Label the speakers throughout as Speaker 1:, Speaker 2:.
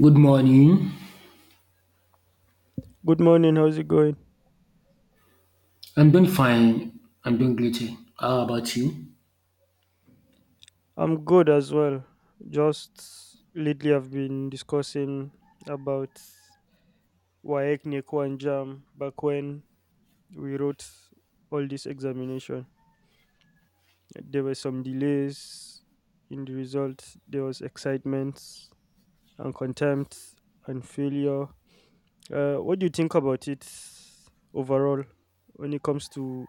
Speaker 1: Good morning.
Speaker 2: Good morning. How's it going?
Speaker 1: I'm doing fine. I'm doing great. How about you?
Speaker 2: I'm good as well. Just lately, I've been discussing about WAEC, NECO, and JAM back when we wrote all this examination. There were some delays in the result, there was excitement and contempt and failure. What do you think about it overall when it comes to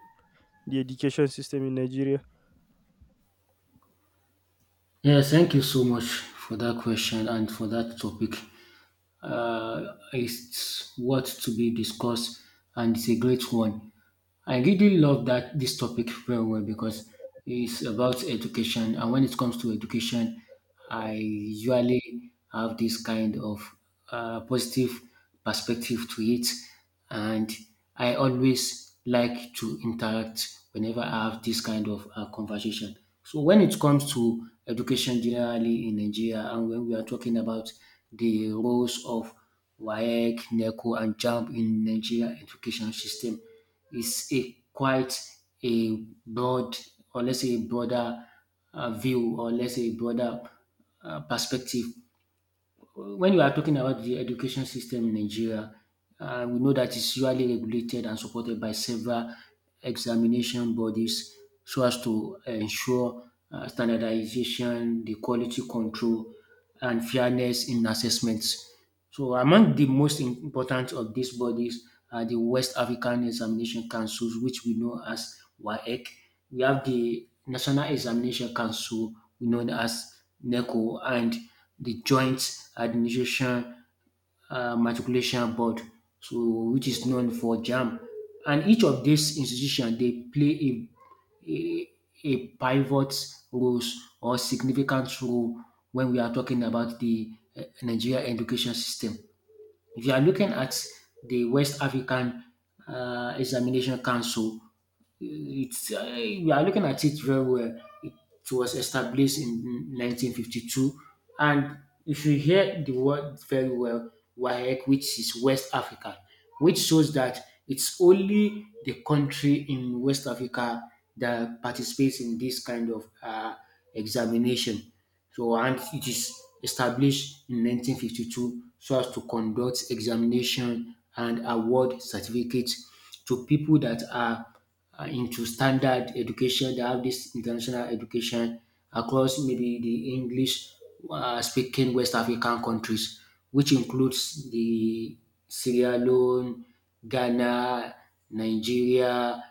Speaker 2: the education system in Nigeria?
Speaker 1: Yes, thank you so much for that question and for that topic. It's what to be discussed, and it's a great one. I really love that this topic very well because it's about education, and when it comes to education, I usually have this kind of positive perspective to it. And I always like to interact whenever I have this kind of conversation. So when it comes to education generally in Nigeria, and when we are talking about the roles of WAEC, NECO, and JAMB in Nigeria education system, is a quite a broad, or let's say a broader view, or let's say a broader perspective when you are talking about the education system in Nigeria, we know that it's usually regulated and supported by several examination bodies so as to ensure standardization, the quality control, and fairness in assessments. So among the most important of these bodies are the West African Examination Councils, which we know as WAEC. We have the National Examination Council, known as NECO, and the Joint Administration matriculation board so which is known for JAMB, and each of these institution they play a a pivot roles or significant role when we are talking about the Nigeria education system. If you are looking at the West African Examination Council, it's we are looking at it very well. It was established in 1952, and if you hear the word very well, WAEC, which is West Africa, which shows that it's only the country in West Africa that participates in this kind of examination. So, and it is established in 1952 so as to conduct examination and award certificates to people that are into standard education. They have this international education across maybe the English speaking West African countries, which includes the Sierra Leone, Ghana, Nigeria,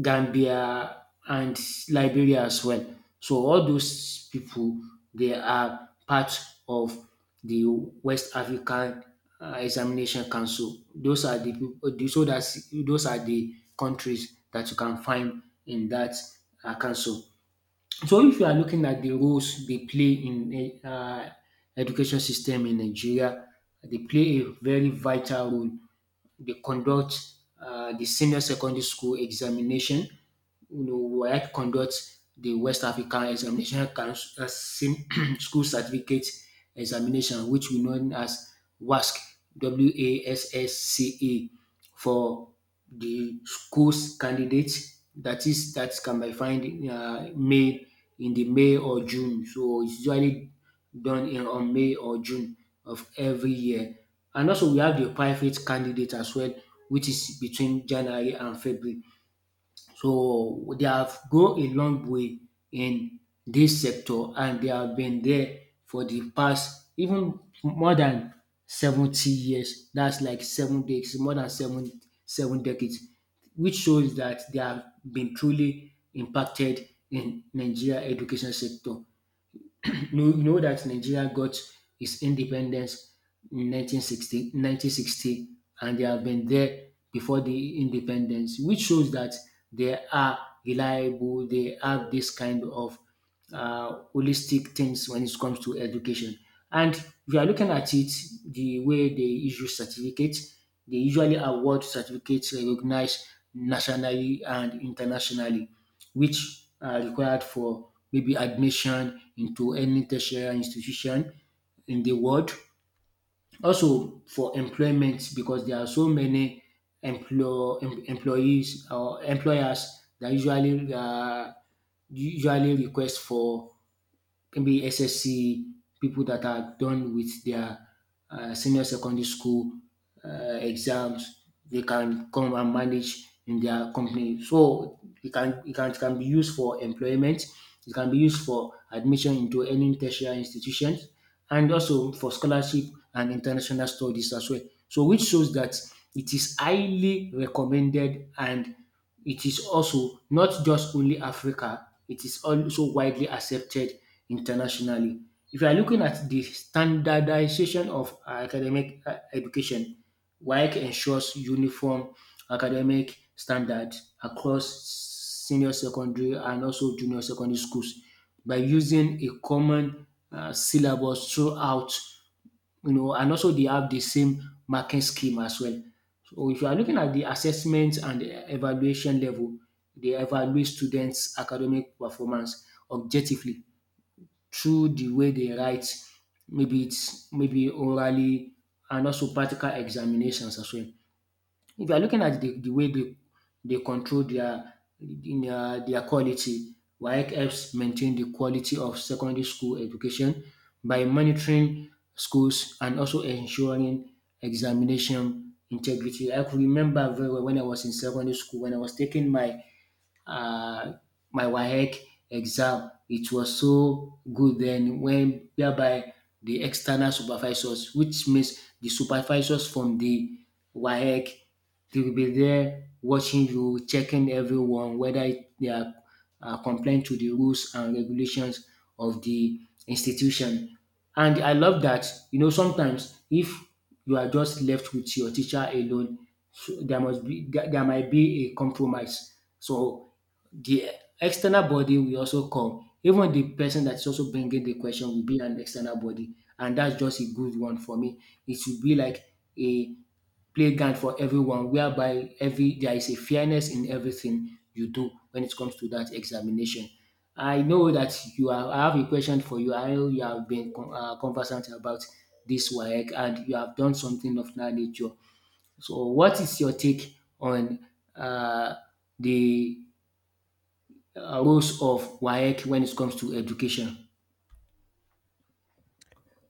Speaker 1: Gambia, and Liberia as well. So all those people they are part of the West African Examination Council. Those are the people. So that's those are the countries that you can find in that council. So if you are looking at the roles they play in education system in Nigeria, they play a very vital role, they conduct the senior secondary school examination. You know, WAEC conducts the West African Examination Council, School Certificate Examination, which we know as WASC, WASSCE, for the school's candidates. That is, that can be found May in the May or June. So it's usually done in on May or June of every year. And also we have the private candidate as well, which is between January and February. So they have go a long way in this sector, and they have been there for the past even more than 70 years. That's like seven decades, more than seven decades, which shows that they have been truly impacted in Nigeria education sector. You know that Nigeria got its independence in nineteen sixty, and they have been there before the independence, which shows that they are reliable, they have this kind of holistic things when it comes to education. And if you are looking at it, the way they issue certificates, they usually award certificates recognized nationally and internationally, which are required for maybe admission into any tertiary institution in the world. Also for employment, because there are so many employees or employers that usually usually request for can be SSC, people that are done with their senior secondary school exams. They can come and manage in their company. So it can be used for employment. It can be used for admission into any tertiary institutions, and also for scholarship and international studies as well. So which shows that it is highly recommended, and it is also not just only Africa, it is also widely accepted internationally. If you are looking at the standardization of academic education, WAEC ensures uniform academic standards across senior secondary and also junior secondary schools by using a common syllabus throughout you know, and also they have the same marking scheme as well. So if you are looking at the assessment and the evaluation level, they evaluate students' academic performance objectively through the way they write, maybe it's maybe orally and also practical examinations as well. If you are looking at the way they control their quality, WAEC helps maintain the quality of secondary school education by monitoring schools and also ensuring examination integrity. I could remember very well when I was in secondary school, when I was taking my uh, my WAEC exam. It was so good then when whereby the external supervisors, which means the supervisors from the WAEC, they will be there watching you, checking everyone, whether they are compliant to the rules and regulations of the institution. And I love that, you know, sometimes if you are just left with your teacher alone, so there might be a compromise. So the external body will also come. Even the person that's also bringing the question will be an external body, and that's just a good one for me. It should be like a playground for everyone, whereby every there is a fairness in everything you do when it comes to that examination. I know that you are. I have a question for you. I know you have been conversant about this work, and you have done something of that nature. So, what is your take on uh, the roles of WAEC when it comes to education?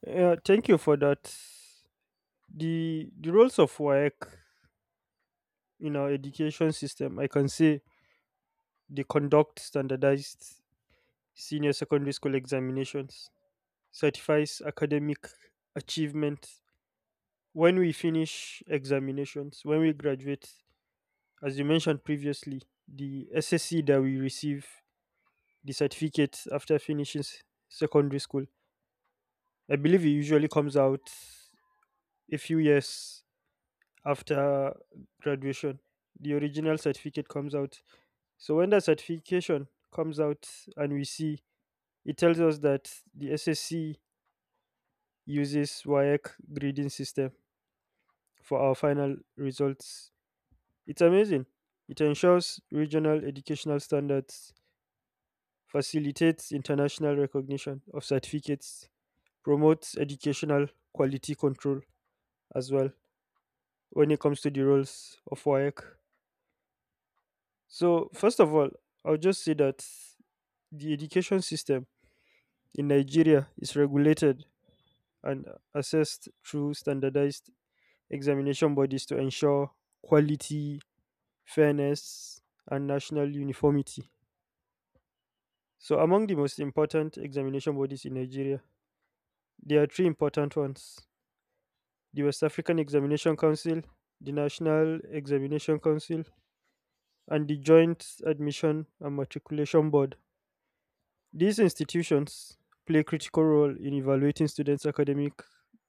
Speaker 2: Yeah, thank you for that the roles of WAEC in our education system, I can say they conduct standardized senior secondary school examinations, certifies academic achievement. When we finish examinations, when we graduate, as you mentioned previously, the SSC that we receive, the certificate after finishing secondary school, I believe it usually comes out a few years after graduation. The original certificate comes out. So when the certification comes out and we see, it tells us that the SSC uses WIAC grading system for our final results. It's amazing. It ensures regional educational standards, facilitates international recognition of certificates, promotes educational quality control as well when it comes to the roles of WIAC. So first of all, I'll just say that the education system in Nigeria is regulated and assessed through standardized examination bodies to ensure quality, fairness, and national uniformity. So, among the most important examination bodies in Nigeria, there are three important ones: the West African Examination Council, the National Examination Council, and the Joint Admission and Matriculation Board. These institutions play a critical role in evaluating students' academic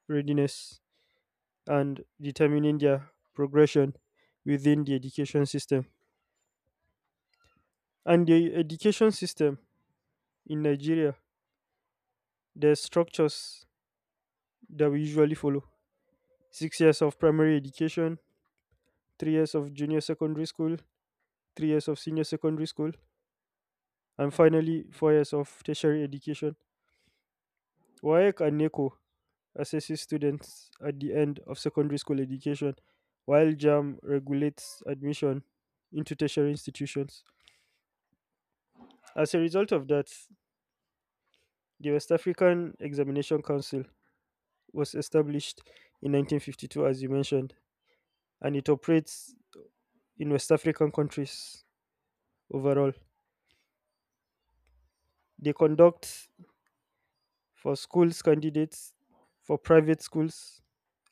Speaker 2: readiness and determining their progression within the education system. And the education system in Nigeria, there's structures that we usually follow: 6 years of primary education, 3 years of junior secondary school, 3 years of senior secondary school, and finally 4 years of tertiary education. WAEC and NECO assesses students at the end of secondary school education, while JAM regulates admission into tertiary institutions. As a result of that, the West African Examination Council was established in 1952, as you mentioned, and it operates in West African countries overall. They conduct for schools candidates, for private schools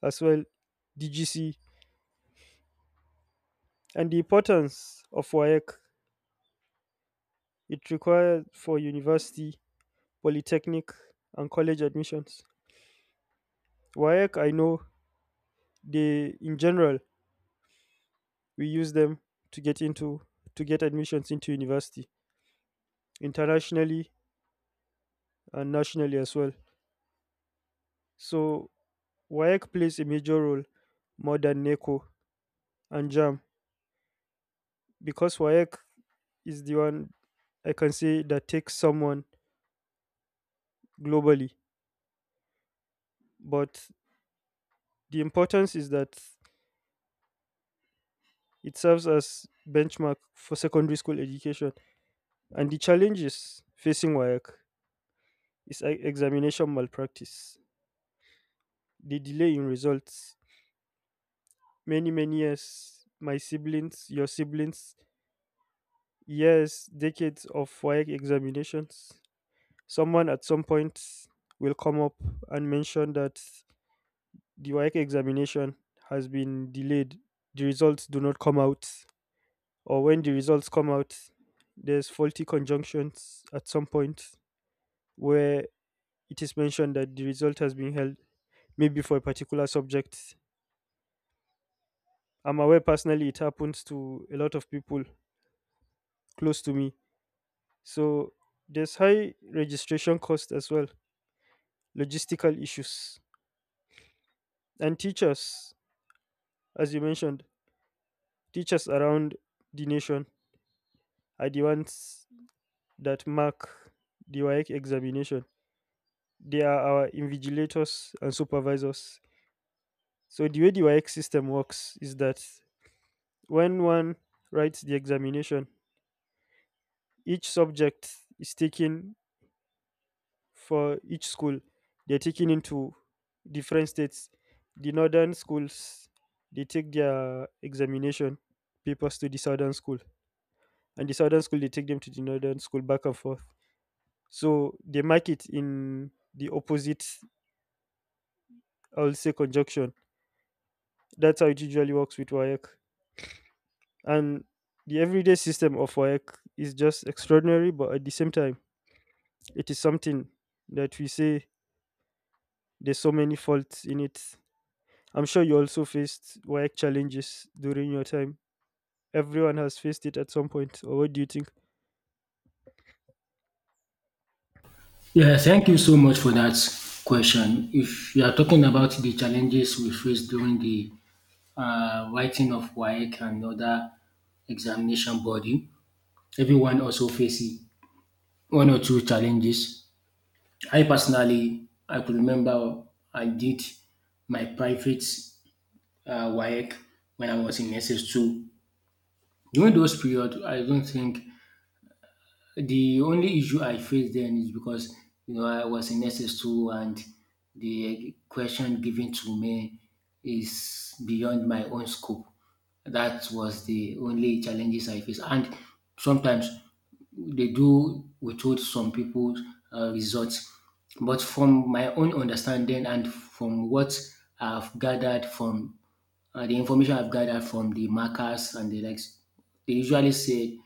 Speaker 2: as well, DGC, and the importance of WAEC. It required for university, polytechnic, and college admissions. WAEC, I know, they in general we use them to get into to get admissions into university internationally and nationally as well. So WAEC plays a major role more than NECO and JAM because WAEC is the one I can say that takes someone globally. But the importance is that it serves as benchmark for secondary school education. And the challenges facing WAEC is examination malpractice, the delay in results, many, many years. My siblings, your siblings. Yes, decades of WAEC examinations. Someone at some point will come up and mention that the WAEC examination has been delayed. The results do not come out. Or when the results come out, there's faulty conjunctions at some point where it is mentioned that the result has been held maybe for a particular subject. I'm aware personally it happens to a lot of people close to me. So there's high registration cost as well, logistical issues. And teachers, as you mentioned, teachers around the nation are the ones that mark the WAEC examination. They are our invigilators and supervisors. So the way the WAEC system works is that when one writes the examination, each subject is taken for each school. They're taken into different states. The northern schools they take their examination papers to the southern school, and the southern school they take them to the northern school back and forth, so they mark it in the opposite, I'll say, conjunction. That's how it usually works with WAEC. And the everyday system of WAEC is just extraordinary, but at the same time it is something that we say there's so many faults in it. I'm sure you also faced WAEC challenges during your time. Everyone has faced it at some point, or what do you think?
Speaker 1: Yeah, thank you so much for that question. If you are talking about the challenges we faced during the writing of WAEC and other examination body, everyone also faces one or two challenges. I personally, I could remember I did my private WAEC when I was in SS2. During those period, I don't think. The only issue I faced then is because you know I was in SS2 and the question given to me is beyond my own scope. That was the only challenges I faced. And sometimes they do withhold some people's results. But from my own understanding and from what I've gathered from the information I've gathered from the markers and the likes, they usually say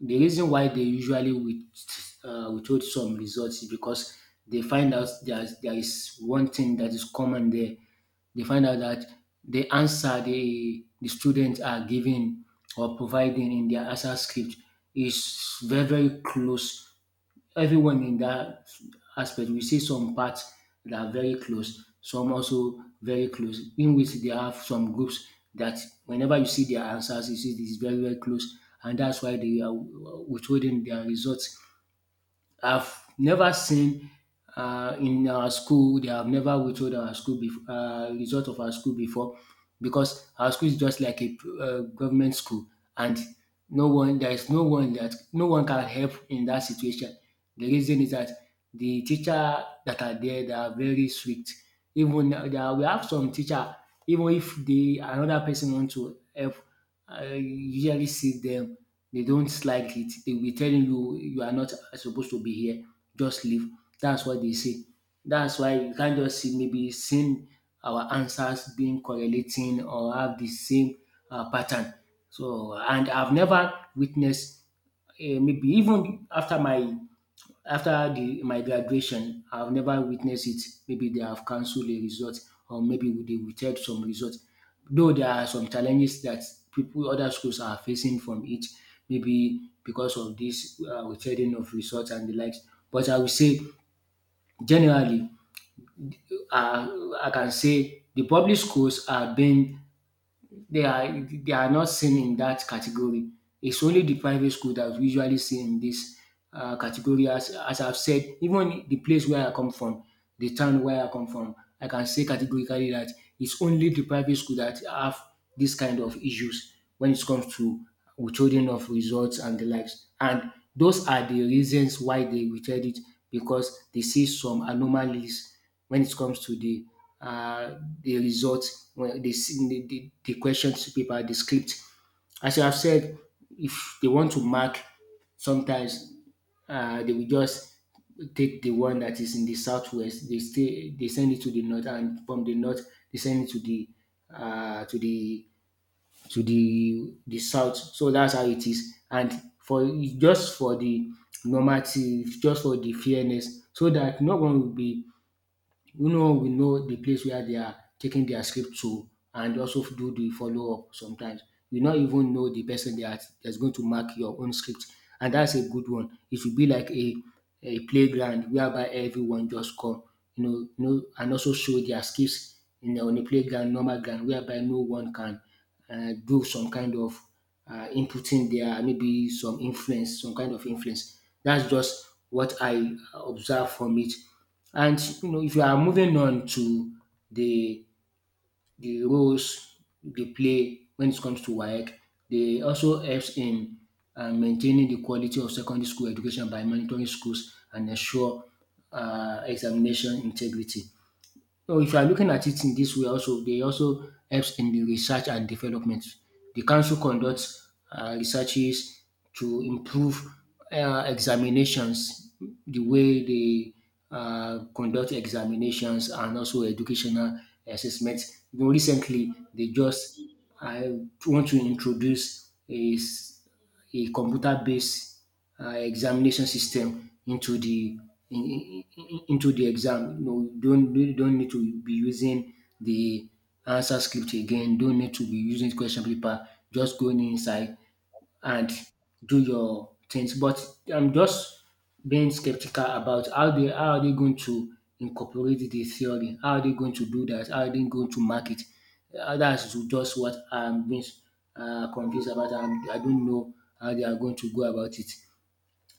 Speaker 1: the reason why they usually withhold some results is because they find out there is one thing that is common there. They find out that the answer the students are giving or providing in their answer script is very, very close, everyone in that aspect, we see some parts that are very close, some also very close, in which they have some groups that whenever you see their answers you see this very, very close, and that's why they are withholding their results. I've never seen in our school, they have never withhold our school before. Result of our school before, because our school is just like a government school, and there is no one that, no one can help in that situation. The reason is that the teacher that are there, they are very strict. Even we have some teacher, even if the another person want to help, I usually see them they don't like it. They will be telling you you are not supposed to be here. Just leave. That's what they say. That's why you can't just see maybe same our answers being correlating or have the same pattern. So and I've never witnessed maybe even after my after the my graduation, I've never witnessed it. Maybe they have cancelled a result or maybe they withheld some results. Though there are some challenges that people other schools are facing from it, maybe because of this withholding of results and the likes. But I would say generally, uh, I can say the public schools are being they are not seen in that category. It's only the private school that we usually see in this category. As I've said, even the place where I come from, the town where I come from, I can say categorically that it's only the private school that have this kind of issues when it comes to withholding of results and the likes. And those are the reasons why they withheld it, because they see some anomalies when it comes to the results, when they see the questions paper, the script. As I have said, if they want to mark, sometimes they will just take the one that is in the southwest. They stay, they send it to the north, and from the north they send it to the uh, to the to the south. So that's how it is. And for just for the normative, just for the fairness, so that no one will be we know the place where they are taking their script to, and also do the follow up sometimes. You not even know the person that's going to mark your own script. And that's a good one. It should be like a playground whereby everyone just come, and also show their skills on the playground, normal ground, whereby no one can do some kind of inputting there, maybe some influence, some kind of influence. That's just what I observe from it. And you know, if you are moving on to the the roles they play when it comes to WAEC, they also helps in maintaining the quality of secondary school education by monitoring schools and ensure examination integrity. No, if you are looking at it in this way also, they also helps in the research and development. The council conducts researches to improve examinations, the way they conduct examinations and also educational assessments. You know, recently, they just I want to introduce a computer based examination system into the in- into the exam. You know, you don't need to be using the answer script again, don't need to be using question paper, just going inside and do your things. But I'm just being skeptical about how are they going to incorporate the theory? How are they going to do that? How are they going to market? That's just what I'm being confused about. I don't know how they are going to go about it.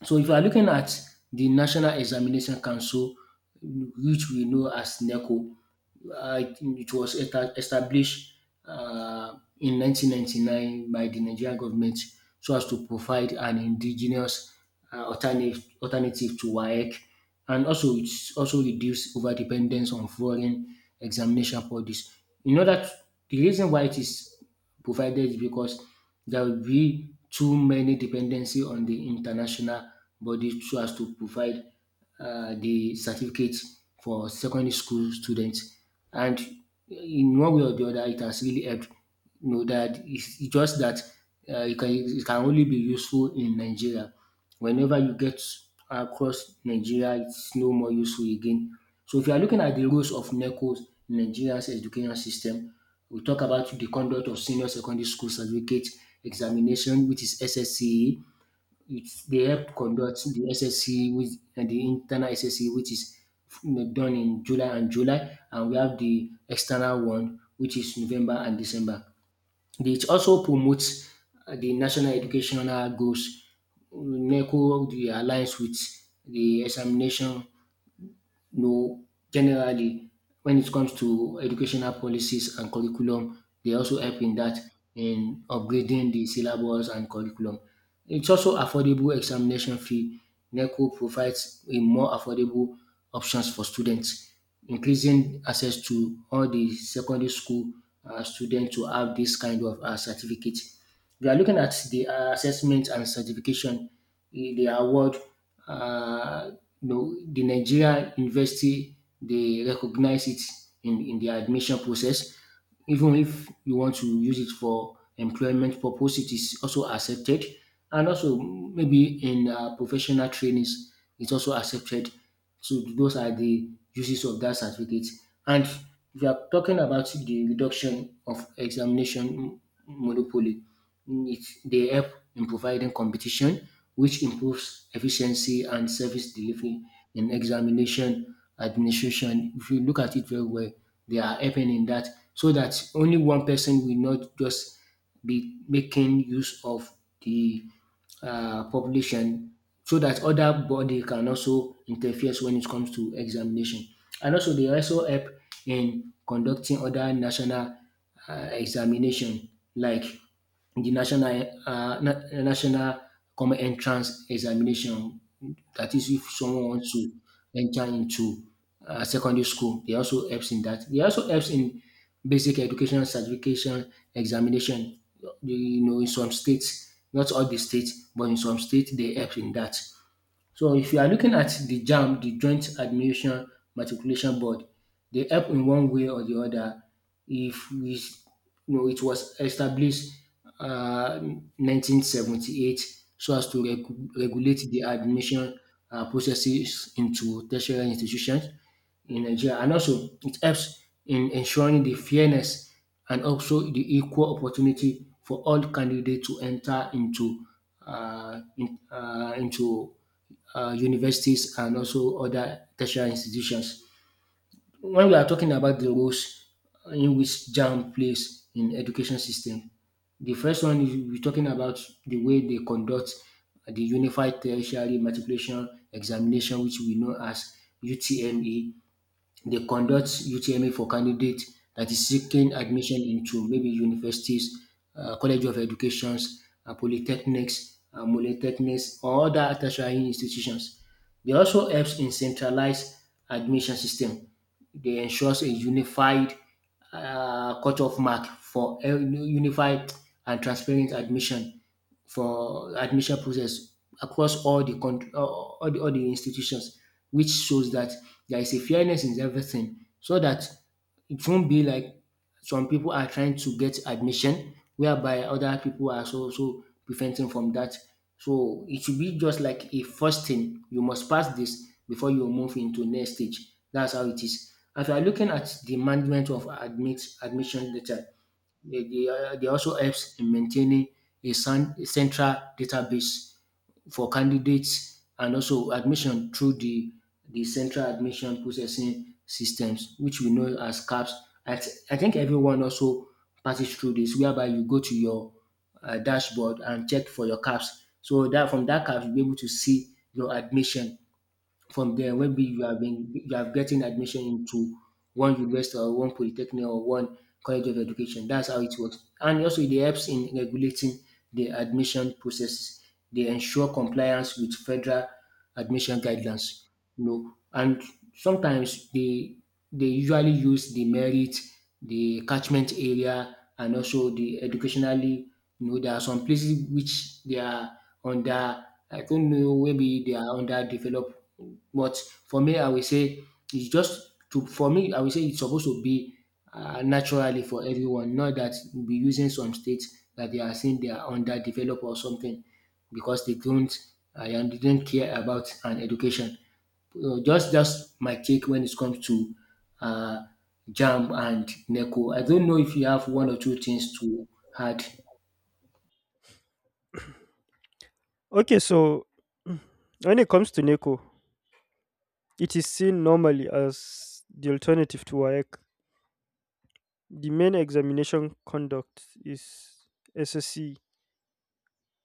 Speaker 1: So if you are looking at the National Examination Council, which we know as NECO, it was established in 1999 by the Nigerian government so as to provide an indigenous alternative to WAEC, and also it's also reduce over dependence on foreign examination bodies. In order to, the reason why it is provided, because there will be too many dependency on the international body so as to provide the certificate for secondary school students. And in one way or the other, it has really helped. You know that it's just that it can only be useful in Nigeria. Whenever you get across Nigeria, it's no more useful again. So if you are looking at the roles of NECOs in Nigeria's education system, we'll talk about the conduct of senior secondary school certificate examination, which is SSCE. It's, they help conduct the SSCE with, and the internal SSCE, which is done in July and July, and we have the external one, which is November and December. It also promotes the national educational goals. NECO the alliance with the examination know, generally, when it comes to educational policies and curriculum, they also help in that, in upgrading the syllabus and curriculum. It's also affordable examination fee. NECO provides a more affordable options for students, increasing access to all the secondary school students to have this kind of certificate. We are looking at the assessment and certification, they award uh, you know, the Nigeria University, they recognize it in their admission process. Even if you want to use it for employment purpose, it is also accepted. And also maybe in professional trainings, it's also accepted. So those are the uses of that certificate. And we are talking about the reduction of examination monopoly, needs. They help in providing competition, which improves efficiency and service delivery in examination administration. If you look at it very well, they are helping in that, so that only one person will not just be making use of the population, so that other body can also interfere when it comes to examination. And also they also help in conducting other national examination, like the national national common entrance examination. That is if someone wants to enter into secondary school, they also helps in that. They also helps in basic education certification examination, you know, in some states, not all the states, but in some states they help in that. So if you are looking at the jam, the Joint Admission Matriculation Board, they help in one way or the other. If we, you know, it was established uh, 1978, so as to regulate the admission processes into tertiary institutions in Nigeria, and also it helps in ensuring the fairness and also the equal opportunity for all candidates to enter into into universities and also other tertiary institutions. When we are talking about the roles in which JAMB plays in education system, the first one is we're talking about the way they conduct the unified tertiary matriculation examination, which we know as UTME. They conduct UTME for candidates that is seeking admission into maybe universities, college of educations, polytechnics, or other tertiary institutions. They also helps in centralized admission system. They ensures a unified cutoff mark for unified and transparent admission for admission process across all the country, all the institutions, which shows that there is a fairness in everything, so that it won't be like some people are trying to get admission, whereby other people are so preventing from that. So it should be just like a first thing. You must pass this before you move into next stage. That's how it is. If you are looking at the management of admit admission data, they also helps in maintaining a central database for candidates and also admission through the central admission processing systems, which we know as CAPS. I think everyone also passes through this, whereby you go to your dashboard and check for your CAPS. So that from that CAPS, you'll be able to see your admission. From there, maybe you have been, you have getting admission into one university or one polytechnic or one college of education. That's how it works. And also it helps in regulating the admission processes. They ensure compliance with federal admission guidelines. You know, and sometimes they usually use the merit, the catchment area, and also the educationally, you know, there are some places which they are under, I don't know, maybe they are underdeveloped. But for me, I will say it's just to for me, I will say it's supposed to be naturally for everyone, not that we'll be using some states that they are saying they are underdeveloped or something, because they don't and they don't care about an education. Just my take when it comes to uh, Jam and Neko. I don't know if you have one or two things to add.
Speaker 2: Okay, so when it comes to Neco. It is seen normally as the alternative to WAEC. The main examination conduct is SSC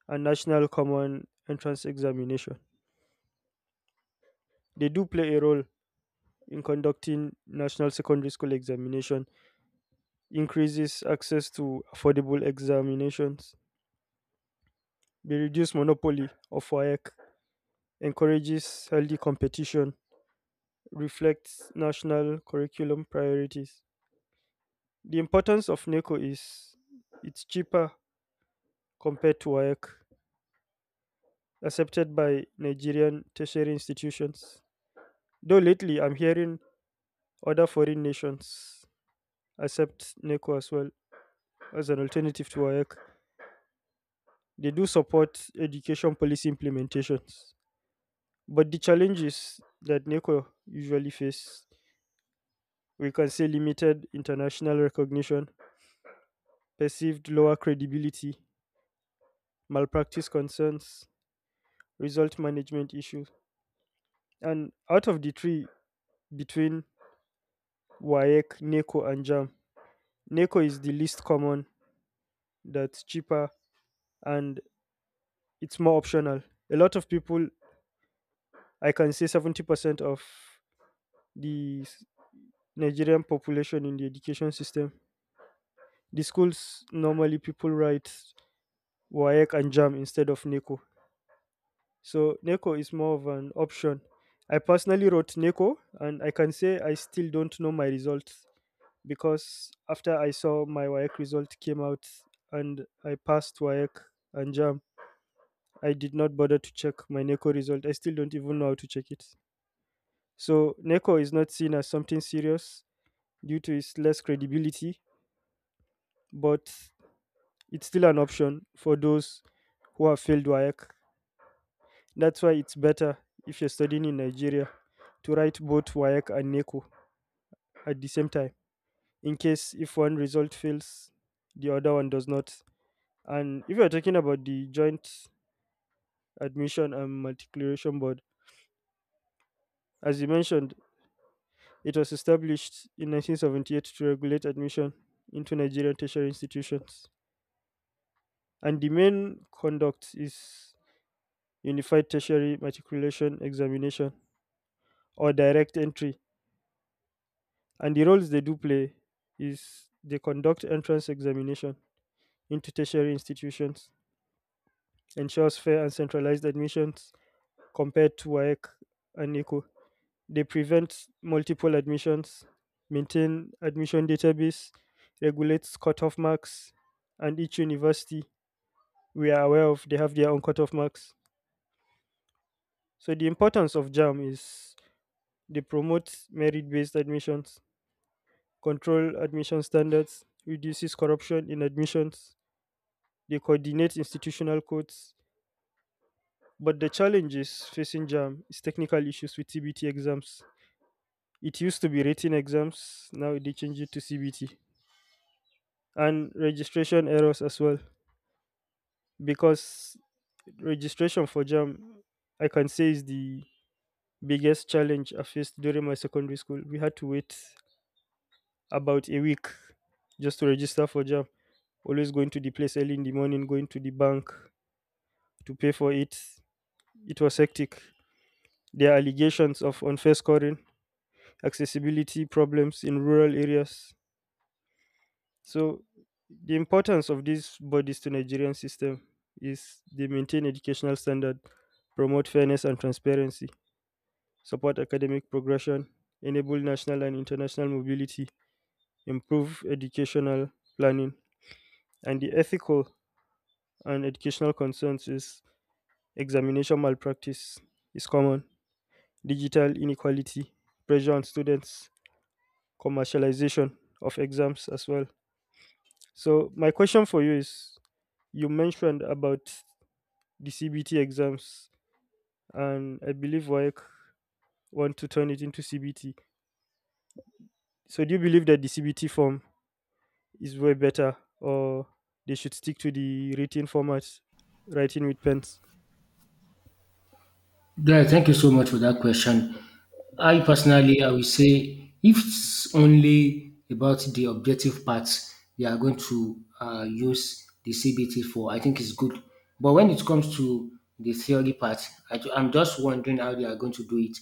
Speaker 2: and National Common Entrance Examination. They do play a role in conducting national secondary school examination, increases access to affordable examinations, they reduce monopoly of WAEC, encourages healthy competition, reflects national curriculum priorities. The importance of NECO is it's cheaper compared to WAEC, accepted by Nigerian tertiary institutions. Though lately I'm hearing other foreign nations accept NECO as well as an alternative to WAEC. They do support education policy implementations. But the challenges that NECO usually face, we can say limited international recognition, perceived lower credibility, malpractice concerns, result management issues. And out of the three between WAEC, NECO, and JAMB, Neko is the least common, that's cheaper, and it's more optional. A lot of people, I can say 70% of the Nigerian population in the education system, the schools normally people write WAEC and JAM instead of Neko. So Neko is more of an option. I personally wrote Neko, and I can say I still don't know my results because after I saw my WAEC result came out and I passed WAEC and JAM, I did not bother to check my NECO result. I still don't even know how to check it. So NECO is not seen as something serious due to its less credibility, but it's still an option for those who have failed WAEC. That's why it's better if you're studying in Nigeria to write both WAEC and NECO at the same time. In case if one result fails, the other one does not. And if you're talking about the joint admission and matriculation board, as you mentioned, it was established in 1978 to regulate admission into Nigerian tertiary institutions, and the main conduct is Unified Tertiary Matriculation Examination or direct entry. And the roles they do play is they conduct entrance examination into tertiary institutions, ensures fair and centralized admissions compared to WAEC and NECO. They prevent multiple admissions, maintain admission database, regulates cutoff marks, and each university we are aware of they have their own cutoff marks. So the importance of JAM is they promote merit-based admissions, control admission standards, reduces corruption in admissions, they coordinate institutional codes. But the challenges facing JAM is technical issues with CBT exams. It used to be written exams, now they change it to CBT. And registration errors as well, because registration for JAM, I can say, is the biggest challenge I faced during my secondary school. We had to wait about a week just to register for JAM, always going to the place early in the morning, going to the bank to pay for it. It was hectic. There are allegations of unfair scoring, accessibility problems in rural areas. So the importance of these bodies to Nigerian system is they maintain educational standard, promote fairness and transparency, support academic progression, enable national and international mobility, improve educational planning, and the ethical and educational concerns is examination malpractice is common, digital inequality, pressure on students, commercialization of exams as well. So my question for you is you mentioned about the CBT exams, and I believe WAEC want to turn it into CBT. So, do you believe that the CBT form is way better, or they should stick to the written format, writing with pens?
Speaker 1: Guy, thank you so much for that question. I will say, if it's only about the objective parts we are going to use the CBT for, I think it's good. But when it comes to the theory part, am just wondering how they are going to do it.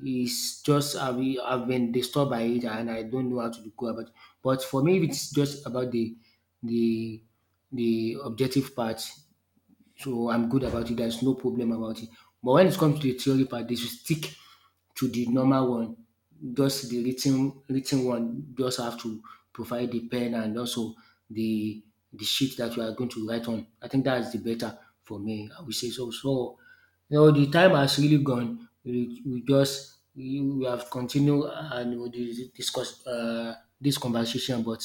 Speaker 1: It's just I've been disturbed by it and I don't know how to go about it. But for me, if it's just about the the objective part, so I'm good about it. There's no problem about it. But when it comes to the theory part, they should stick to the normal one. Just the written one, just have to provide the pen and also the the sheet that you are going to write on. I think that's the better for me. I would say so. So you know the time has really gone. We have continued and we discuss this conversation, but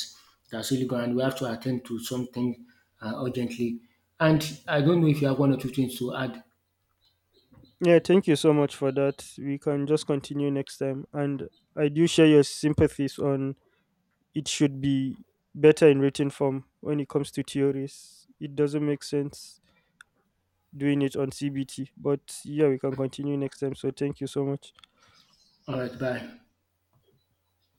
Speaker 1: that's really gone. And we have to attend to something urgently. And I don't know if you have one or two things to add.
Speaker 2: Yeah, thank you so much for that. We can just continue next time, and I do share your sympathies on it should be better in written form when it comes to theories. It doesn't make sense doing it on CBT, but yeah, we can continue next time. So, thank you so much.
Speaker 1: All right, bye.